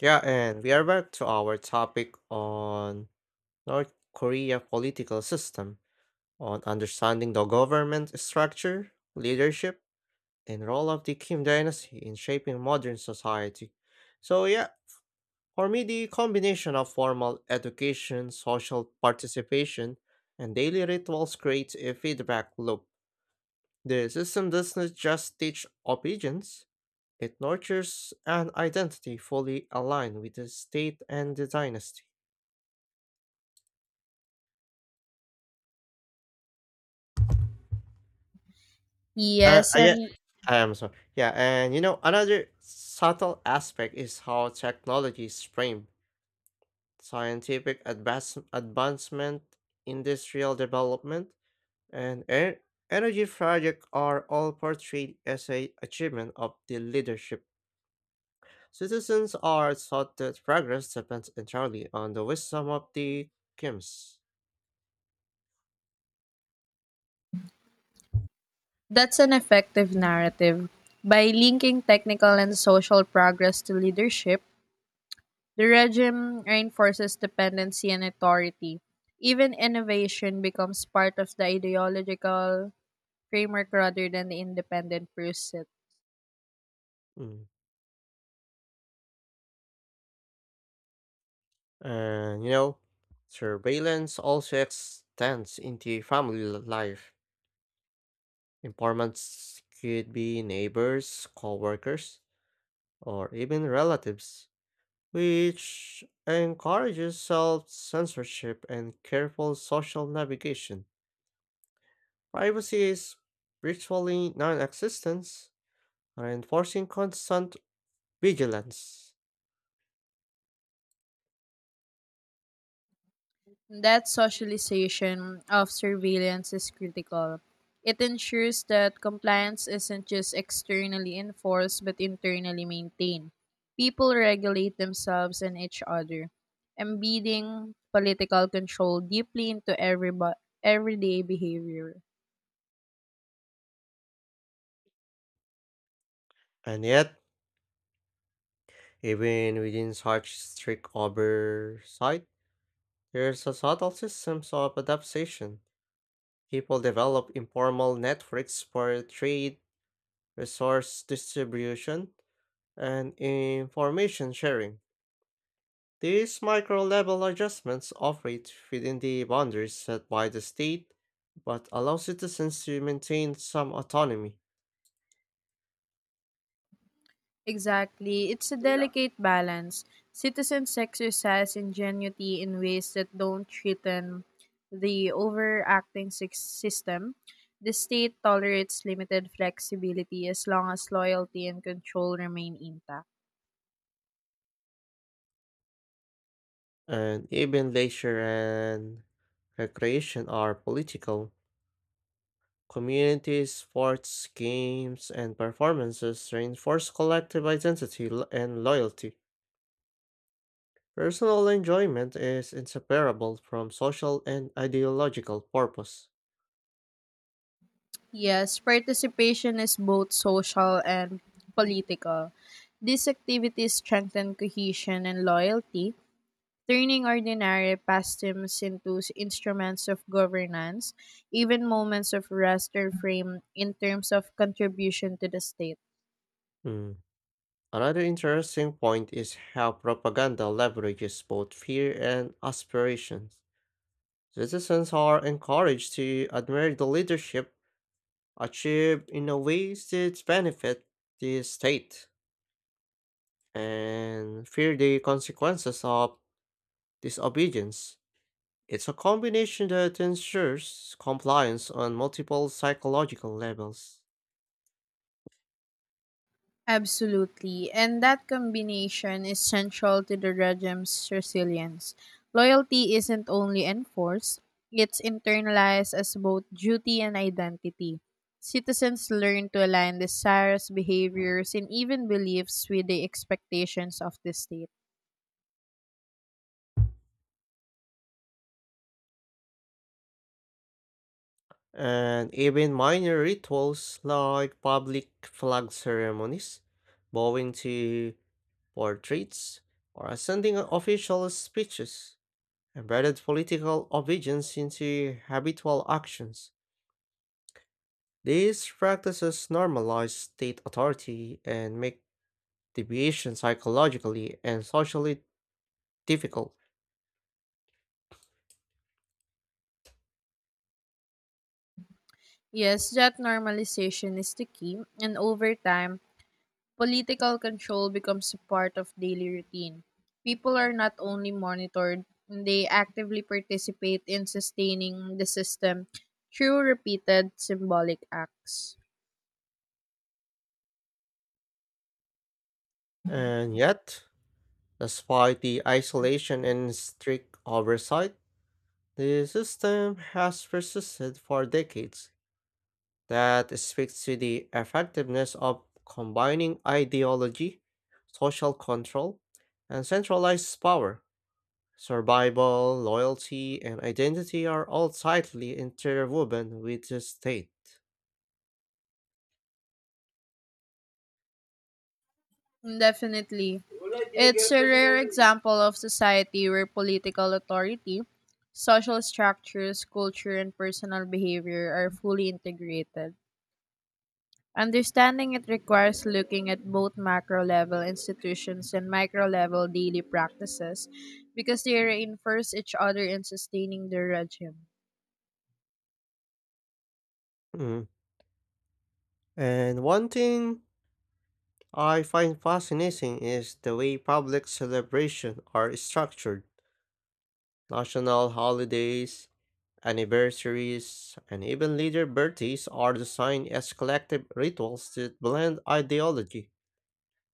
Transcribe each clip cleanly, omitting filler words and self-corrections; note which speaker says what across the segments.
Speaker 1: Yeah, and we are back to our topic on North Korea political system, on understanding the government structure, leadership, and role of the Kim dynasty in shaping modern society. So yeah, for me the combination of formal education, social participation, and daily rituals creates a feedback loop. The system does not just teach obedience, it nurtures an identity fully aligned with the state and the dynasty. Uh,
Speaker 2: Yes,
Speaker 1: uh, yeah,
Speaker 2: and
Speaker 1: I am sorry. Yeah, and you know, another subtle aspect is how technology is framed. Advancement, industrial development, and energy project are all portrayed as a achievement of the leadership. Citizens are taught that progress depends entirely on the wisdom of the Kims.
Speaker 2: that's an effective narrative. By linking technical and social progress to leadership, the regime reinforces dependency and authority. Even innovation becomes part of the ideological framework rather than the independent pursuit.
Speaker 1: Mm. And you know, surveillance also extends into family life. Informants could be neighbors, coworkers, or even relatives, which encourages self censorship and careful social navigation. Privacy is virtually non existent, reinforcing constant vigilance.
Speaker 2: That socialization of surveillance is critical. It ensures that compliance isn't just externally enforced but internally maintained. People regulate themselves and each other, embedding political control deeply into everyday behavior.
Speaker 1: And yet, even within such strict oversight, there's a subtle systems of adaptation. People develop informal networks for trade resource distribution, and information sharing. These micro level adjustments operate within the boundaries set by the state, but allow citizens to maintain some autonomy.
Speaker 2: Exactly. It's a delicate balance. Citizens exercise ingenuity in ways that don't threaten the overacting system. The state tolerates limited flexibility as long as loyalty and control remain intact.
Speaker 1: And even leisure and recreation are political. Community sports, games, and performances reinforce collective identity and loyalty. Personal enjoyment is inseparable from social and ideological purpose.
Speaker 2: Yes, participation is both social and political. These activities strengthen cohesion and loyalty, turning ordinary pastimes into instruments of governance. Even moments of rest are framed in terms of contribution to the state.
Speaker 1: Mm. Another interesting point is how propaganda leverages both fear and aspirations. Citizens are encouraged to admire the leadership achieved in a way that benefit the state and fear the consequences of disobedience. It's a combination that ensures compliance on multiple psychological levels.
Speaker 2: Absolutely, and that combination is central to the regime's resilience. Loyalty isn't only enforced, it's internalized as both duty and identity. Citizens learn to align desires, behaviors, and even beliefs with the expectations of the state.
Speaker 1: And even minor rituals like public flag ceremonies, bowing to portraits, or ascending official speeches embedded political obedience into habitual actions. These practices normalize state authority and make deviation psychologically and socially difficult.
Speaker 2: Yes, that normalization is the key, and over time, political control becomes a part of daily routine. People are not only monitored, they actively participate in sustaining the system through repeated symbolic acts.
Speaker 1: And yet, despite the isolation and strict oversight, the system has persisted for decades. That speaks to the effectiveness of combining ideology, social control, and centralized power. Survival, loyalty, and identity are all tightly interwoven with the state.
Speaker 2: Definitely. It's a rare example of society where political authority, social structures, culture, and personal behavior are fully integrated. Understanding it requires looking at both macro level institutions and micro level daily practices because they reinforce each other in sustaining the regime.
Speaker 1: Mm. And one thing I find fascinating is the way public celebrations are structured. National holidays, anniversaries, and even leader birthdays are designed as collective rituals that blend ideology,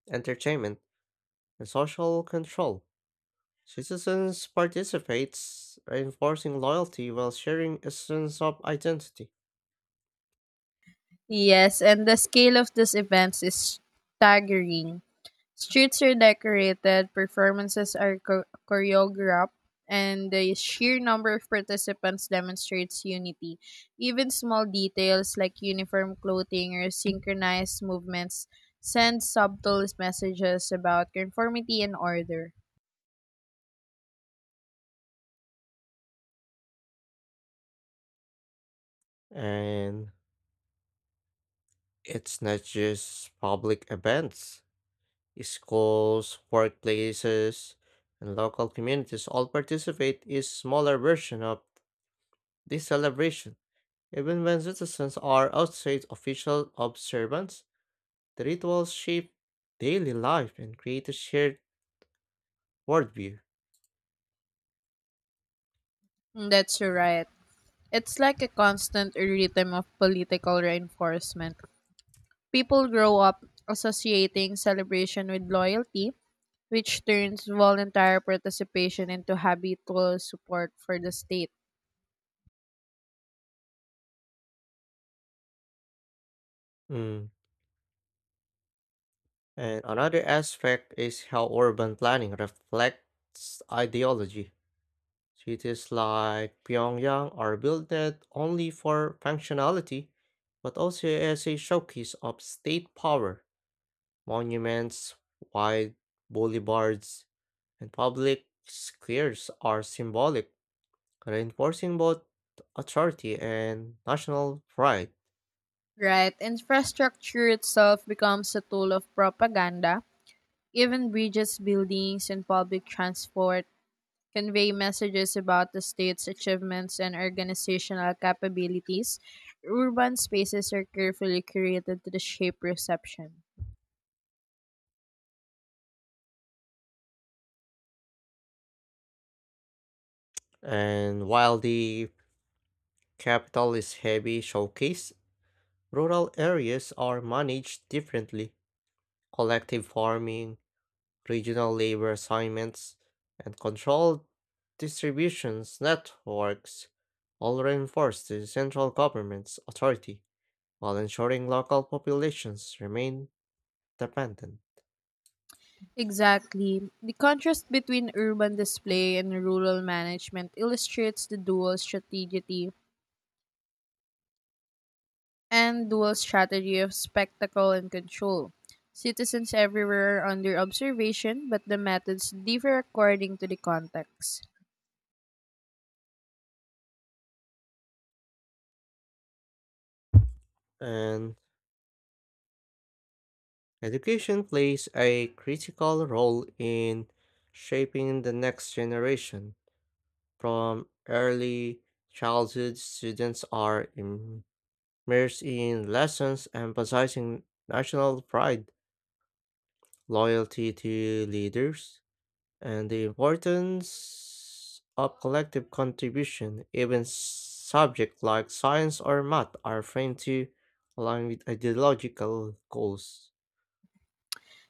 Speaker 1: entertainment, and social control. Citizens participates, reinforcing loyalty while sharing a sense of identity.
Speaker 2: Yes, and the scale of these events is staggering. Streets are decorated, performances are choreographed, and the sheer number of participants demonstrates unity. Even small details like uniform clothing or synchronized movements send subtle messages about conformity and order.
Speaker 1: And it's not just public events. Schools, workplaces, and local communities all participate in smaller version of this celebration. Even when citizens are outside official observance, the rituals shape daily life and create a shared worldview.
Speaker 2: Mm, that's right. It's like a constant rhythm of political reinforcement. People grow up associating celebration with loyalty, which turns voluntary participation into habitual support for the state.
Speaker 1: Mm. And another aspect is how urban planning reflects ideology. Cities like Pyongyang are built not only for functionality, but also as a showcase of state power. Monuments, wide boulevards, and public squares are symbolic, reinforcing both authority and national pride.
Speaker 2: Right? Infrastructure itself becomes a tool of propaganda. Even bridges, buildings, and public transport convey messages about the state's achievements and organizational capabilities. Urban spaces are carefully curated to the shape perception.
Speaker 1: And while the capital is heavy showcase, rural areas are managed differently. Collective farming, regional labor assignments, and controlled distributions networks all reinforce the central government's authority while ensuring local populations remain dependent.
Speaker 2: Exactly. The contrast between urban display and rural management illustrates the dual strategy of spectacle and control. Citizens everywhere are under observation, but the methods differ according to the context.
Speaker 1: And education plays a critical role in shaping the next generation. From early childhood, mayors in lessons emphasizing national pride, loyalty to leaders, and the importance of collective contribution. Even subjects like science or math are framed to align with ideological goals.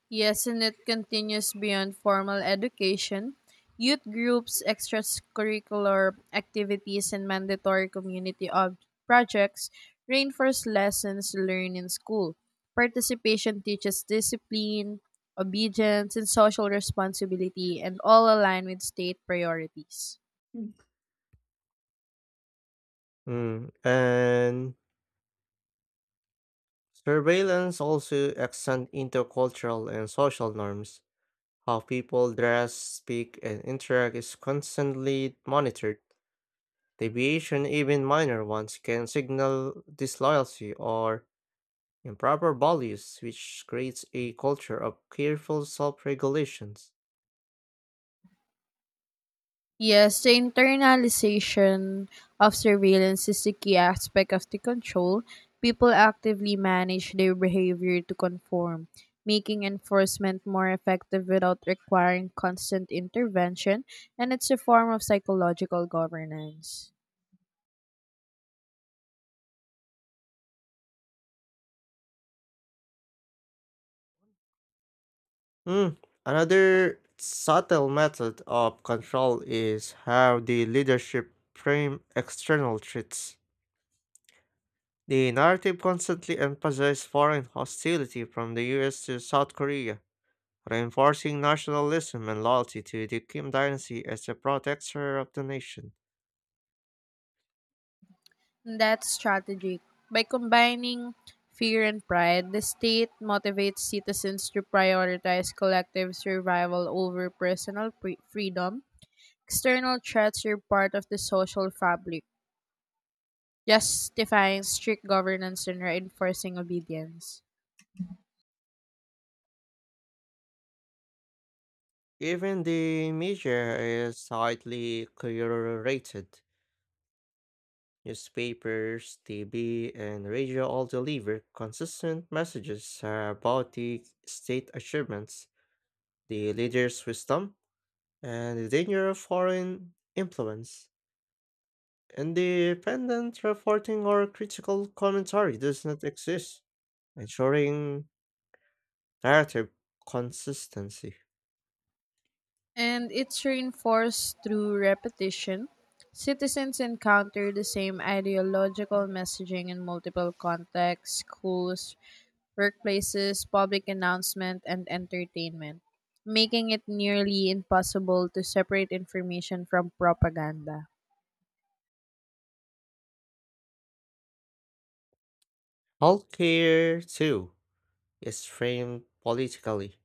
Speaker 2: Yes, and it continues beyond formal education. Youth groups, extracurricular activities, and mandatory community projects reinforce lessons learned in school. Participation teaches discipline, obedience, and social responsibility, and all align with state priorities.
Speaker 1: Mm, and surveillance also extends into cultural and social norms. How people dress, speak, and interact is constantly monitored. Deviation, even minor ones, can signal disloyalty or improper values, which creates a culture of careful self regulations.
Speaker 2: Yes, the internalization of surveillance is the key aspect of the control. People actively manage their behavior to conform, making enforcement more effective without requiring constant intervention, and it's a form of psychological governance.
Speaker 1: Hmm. Another subtle method of control is how the leadership frame external threats. The narrative constantly emphasizes foreign hostility from the US to South Korea, reinforcing nationalism and loyalty to the Kim dynasty as a protector of the nation.
Speaker 2: That's strategic. By combining fear and pride, the state motivates citizens to prioritize collective survival over personal freedom. External threats are part of the social fabric, justifying strict governance and reinforcing obedience.
Speaker 1: Even the media is slightly curated. Newspapers, TV, and radio all deliver consistent messages about the state achievements, the leader's wisdom, and the danger of foreign influence. Independent reporting or critical commentary does not exist, ensuring narrative consistency.
Speaker 2: And it's reinforced through repetition. Citizens encounter the same ideological messaging in multiple contexts: schools, workplaces, public announcement, and entertainment, making it nearly impossible to separate information from propaganda.
Speaker 1: Healthcare, too, is framed politically.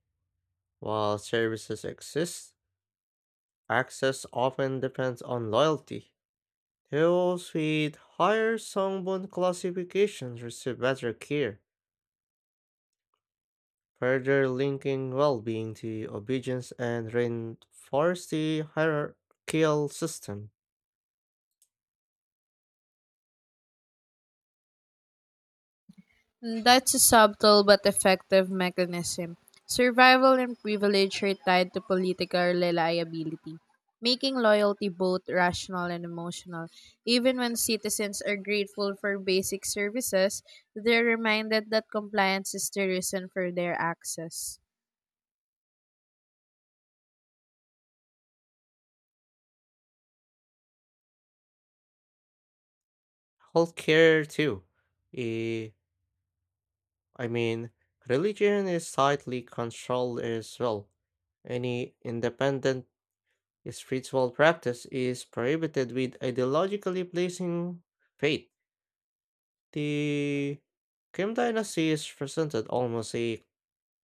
Speaker 1: While services exist, access often depends on loyalty. Those with higher Songbun classifications receive better care, further linking well-being to obedience and reinforce the hierarchical system.
Speaker 2: That's a subtle but effective mechanism. Survival and privilege are tied to political reliability, making loyalty both rational and emotional. Even when citizens are grateful for basic services, they're reminded that compliance is the reason for their access.
Speaker 1: Healthcare too. Eh, I mean, Religion is tightly controlled as well. Any independent spiritual practice is prohibited with ideologically pleasing faith. The Kim dynasty is presented almost a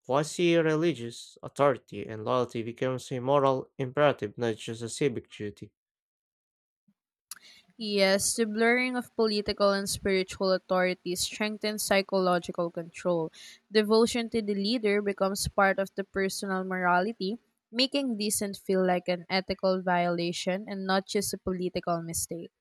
Speaker 1: quasi-religious authority, and loyalty becomes a moral imperative, not just a civic duty.
Speaker 2: Yes, the blurring of political and spiritual authority strengthens psychological control. Devotion to the leader becomes part of the personal morality, making dissent feel like an ethical violation and not just a political mistake.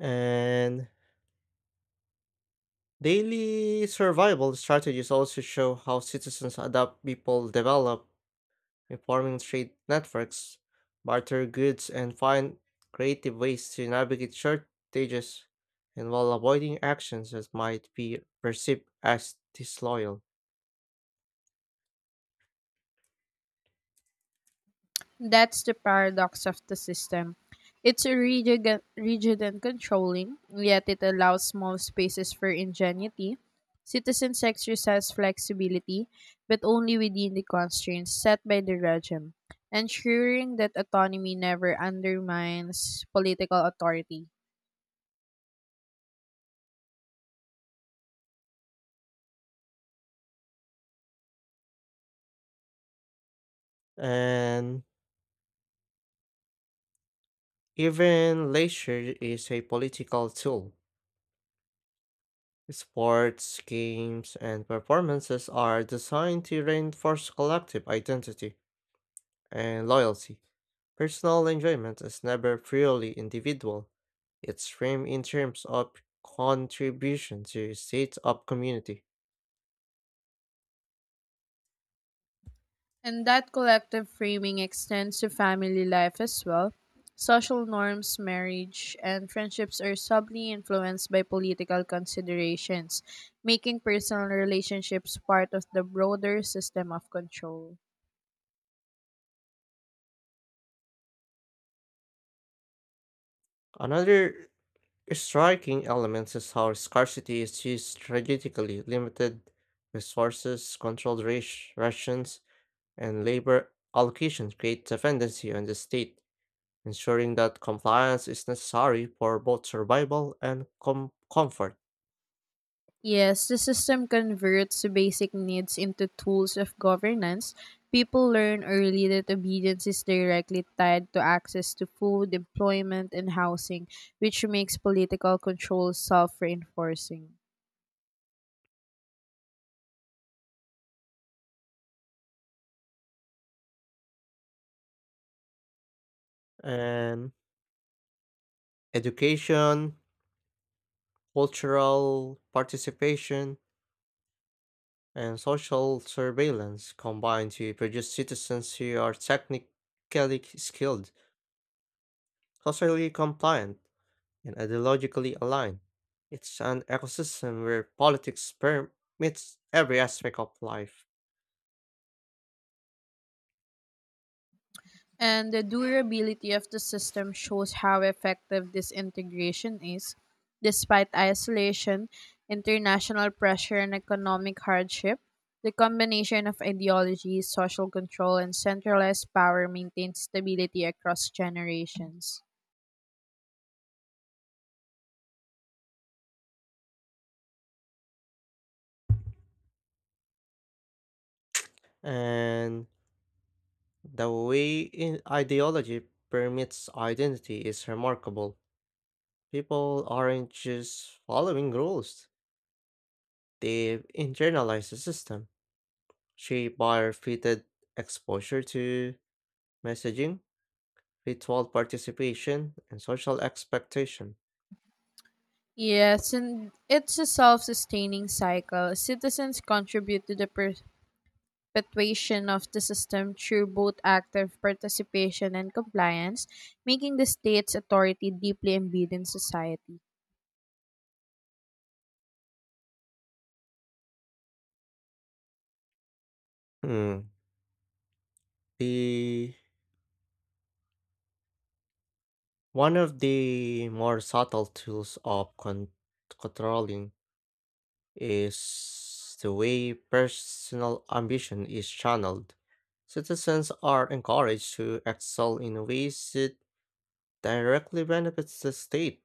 Speaker 1: And daily survival strategies also show how citizens adapt, people develop, reforming trade networks, barter goods, and find creative ways to navigate shortages and while avoiding actions that might be perceived as disloyal.
Speaker 2: That's the paradox of the system. It's rigid and controlling, yet it allows small spaces for ingenuity. Citizens exercise flexibility, but only within the constraints set by the regime, ensuring that autonomy never undermines political authority.
Speaker 1: And even leisure is a political tool. Sports, games, and performances are designed to reinforce collective identity and loyalty. Personal enjoyment is never purely individual. It's framed in terms of contribution to a state of community.
Speaker 2: And that collective framing extends to family life as well. Social norms, marriage, and friendships are subtly influenced by political considerations, making personal relationships part of the broader system of control.
Speaker 1: Another striking element is how scarcity is used strategically. Limited resources, rations, and labor allocation create dependency on the state, ensuring that compliance is necessary for both survival and comfort.
Speaker 2: Yes, the system converts basic needs into tools of governance. People learn early that obedience is directly tied to access to food, employment, and housing, which makes political control self reinforcing.
Speaker 1: And education, cultural participation, and social surveillance combine to produce citizens who are technically skilled, socially compliant, and ideologically aligned. It's an ecosystem where politics permeates every aspect of life,
Speaker 2: And the durability of the system shows how effective this integration is. Despite isolation, international pressure, and economic hardship, the combination of ideology, social control, and centralized power maintains stability across generations.
Speaker 1: and the way in ideology permeates identity is remarkable. People aren't just following rules, they've internalized the system. Shape bar fitted exposure to messaging, ritual participation, and social expectation.
Speaker 2: Yes, and it's a self sustaining cycle. Citizens contribute to the perpetuation of the system through both active participation and compliance, making the state's authority deeply embedded in society.
Speaker 1: Hmm. The one of the more subtle tools of controlling is the way personal ambition is channeled. Citizens are encouraged to excel in ways that directly benefits the state,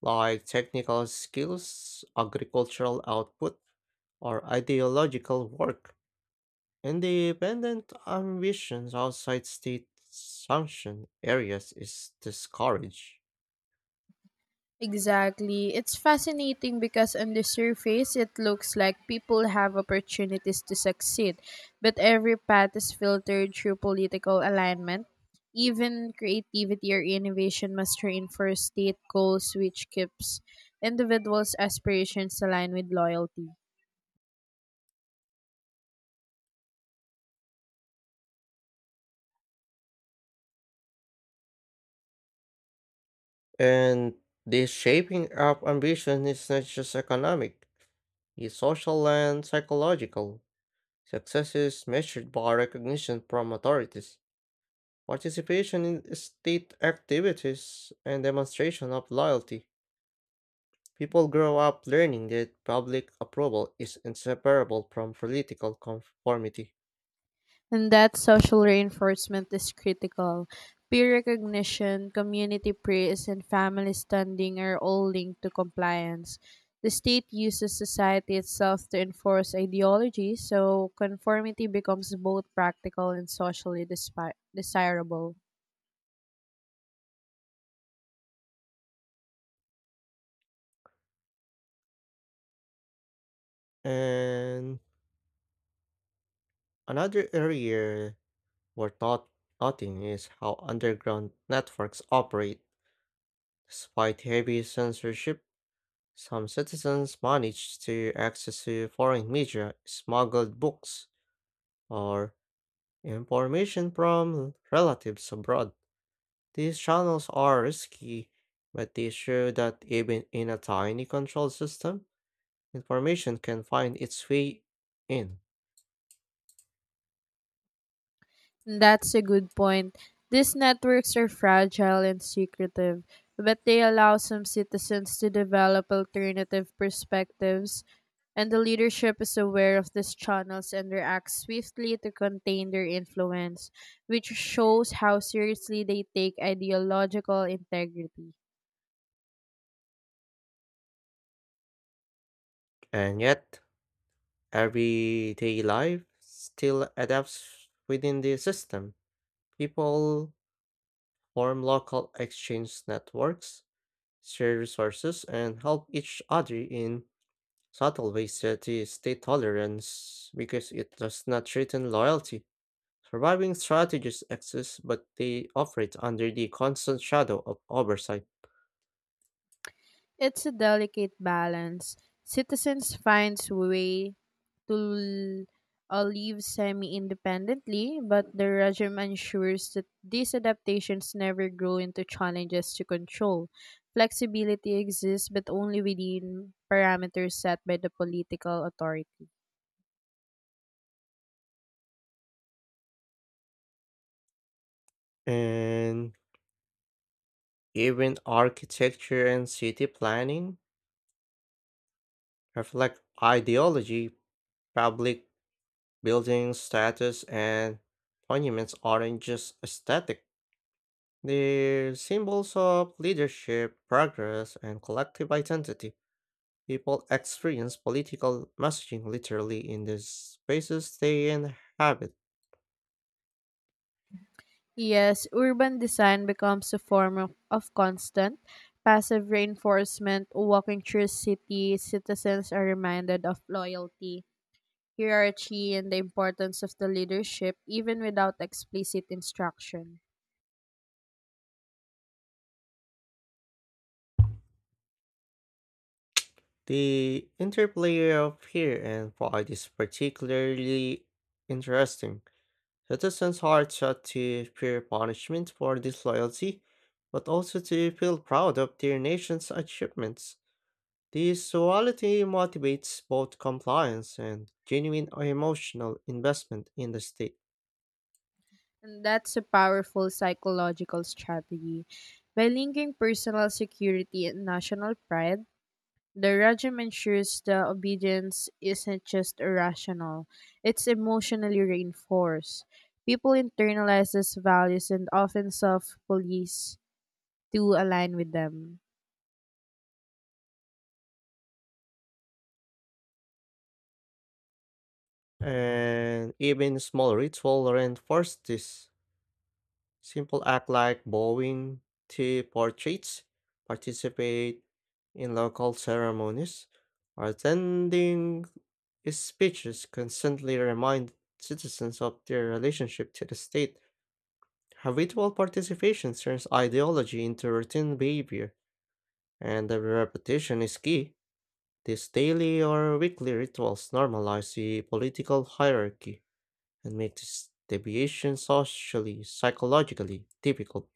Speaker 1: like technical skills, agricultural output, or ideological work, independent ambitions outside state sanctioned areas is discouraged.
Speaker 2: Exactly. It's fascinating because on the surface, it looks like people have opportunities to succeed, but every path is filtered through political alignment. Even creativity or innovation must reinforce state goals, which keeps individuals' aspirations aligned with loyalty.
Speaker 1: And this shaping up ambition is not just economic, it's social and psychological. Success is measured by recognition from authorities, participation in state activities, and demonstration of loyalty. People grow up learning that public approval is inseparable from political conformity.
Speaker 2: And that social reinforcement is critical. Peer recognition, community praise, and family standing are all linked to compliance. The state uses society itself to enforce ideology, so conformity becomes both practical and socially desirable.
Speaker 1: And another area where thoughting is how underground networks operate. Despite heavy censorship, some citizens manage to access to foreign media, smuggled books, or information from relatives abroad. These channels are risky, but they show that even in a tiny control system, information can find its way in.
Speaker 2: That's a good point. These networks are fragile and secretive, but they allow some citizens to develop alternative perspectives, and the leadership is aware of these channels and reacts swiftly to contain their influence, which shows how seriously they take ideological integrity.
Speaker 1: And yet, everyday life still adapts within the system. People form local exchange networks, share resources, and help each other in subtle ways that is stay tolerance because it does not threaten loyalty. Surviving strategies exist, but they operate under the constant shadow of oversight.
Speaker 2: It's a delicate balance. Citizens find a way to live semi independently, but the regime ensures that these adaptations never grow into challenges to control. Flexibility exists, but only within parameters set by the political authority.
Speaker 1: And even architecture and city planning reflect ideology, public buildings, statues, and monuments aren't just aesthetic, they're symbols of leadership, progress, and collective identity. People experience political messaging literally in the spaces they inhabit.
Speaker 2: Yes, urban design becomes a form of constant passive reinforcement. Walking through city, citizens are reminded of loyalty hierarchy and the importance of the leadership even without explicit instruction.
Speaker 1: The interplay of fear and pride is particularly interesting. Citizens are taught to fear punishment for disloyalty, but also to feel proud of their nation's achievements. This duality motivates both compliance and genuine emotional investment in the state.
Speaker 2: And that's a powerful psychological strategy. By linking personal security and national pride, the regime ensures the obedience isn't just irrational, it's emotionally reinforced. People internalize these values and often self police to align with them.
Speaker 1: And even small ritual reinforce this. Simple act like bowing to portraits, participate in local ceremonies, or attending speeches constantly remind citizens of their relationship to the state. Habitual participation turns ideology into routine behavior. And the repetition is key. These daily or weekly rituals normalize the political hierarchy and make this deviation socially, psychologically difficult.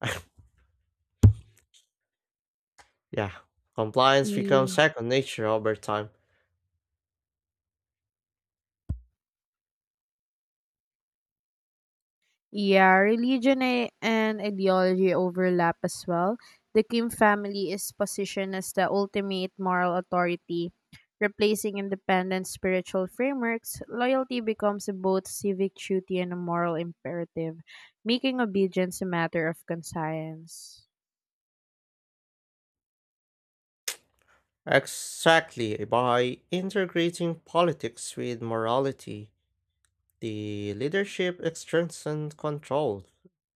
Speaker 1: Yeah, compliance becomes
Speaker 2: Yeah.
Speaker 1: second nature over time.
Speaker 2: Yeah, and ideology overlap as well. The Kim family is positioned as the ultimate moral authority, replacing independent spiritual frameworks. Loyalty becomes both civic duty and a moral imperative, making obedience a matter of conscience.
Speaker 1: Exactly, by integrating politics with morality, the leadership is strength and control.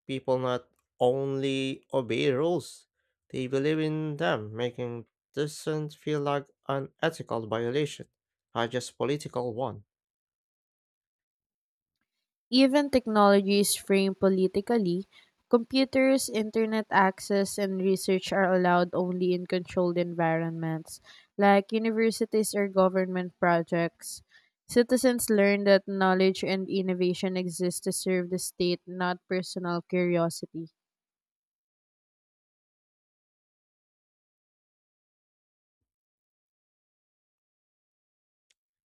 Speaker 1: People not only obey rules, they believe in them, making dissent feel like an ethical violation, not just political one.
Speaker 2: Even technology is framed politically. Computers, internet access, and research are allowed only in controlled environments, like universities or government projects. Citizens learn that knowledge and innovation exist to serve the state, not personal curiosity.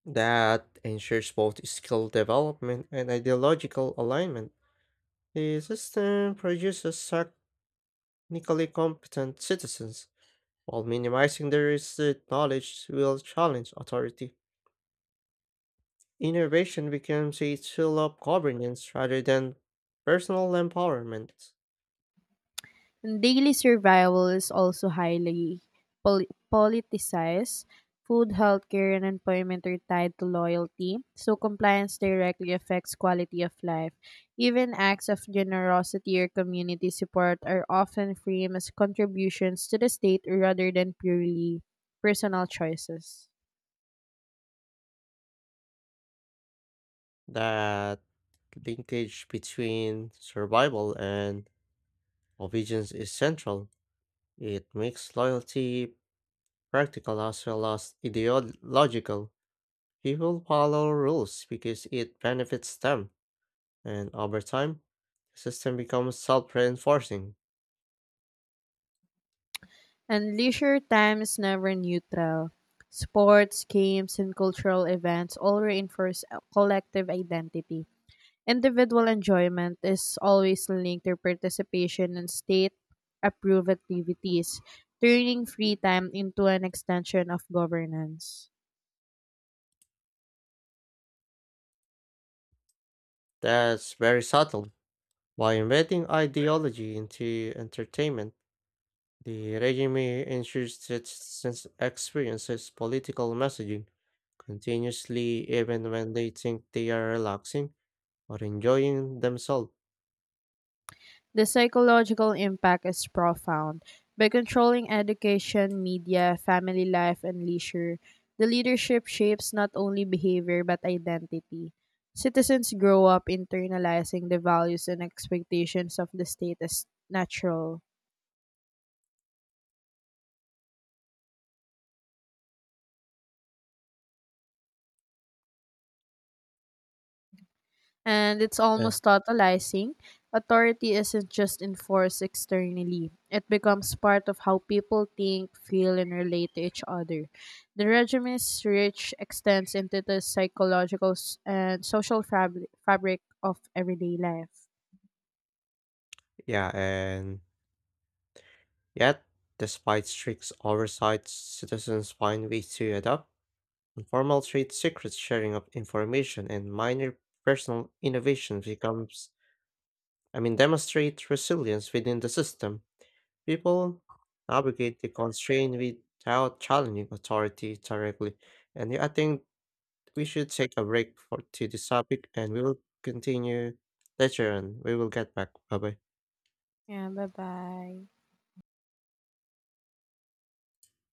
Speaker 1: That ensures both skill development and ideological alignment. The system produces technically competent citizens while minimizing their risks knowledge will challenge authority. Innovation becomes a tool of governance rather than personal empowerment.
Speaker 2: Daily survival is also highly politicized. Food, healthcare, and employment are tied to loyalty, so compliance directly affects quality of life. Even acts of generosity or community support are often framed as contributions to the state rather than purely personal choices.
Speaker 1: That linkage between survival and obedience is central. It makes loyalty practical as well as ideological. People follow rules because it benefits them, and over time, the system becomes self reinforcing.
Speaker 2: And leisure time is never neutral. Sports, games, and cultural events all reinforce a collective identity. Individual enjoyment is always linked to participation in state approved activities, turning free time into an extension of governance.
Speaker 1: That's very subtle. By embedding ideology into entertainment, the regime ensures that citizens experiences political messaging continuously even when they think they are relaxing or enjoying themselves.
Speaker 2: The psychological impact is profound. By controlling education, media, family life, and leisure, the leadership shapes not only behavior but identity. Citizens grow up internalizing the values and expectations of the state as natural. And it's
Speaker 1: Uh,
Speaker 2: almost totalizing. Authority isn't just enforced externally, it becomes part of how people think, feel, and relate to each other. The regime's reach extends into the psychological and social fabric of everyday life.
Speaker 1: yeah, and yet, despite strict oversight, citizens find ways to adopt informal trade secrets, sharing of information, and minor personal innovations becomes, I mean, demonstrate resilience within the system. People navigate the constraint without challenging authority directly. And yeah, I think we should take a break for to this topic and we will continue later on. We will get back. Bye bye.
Speaker 2: Yeah, bye bye.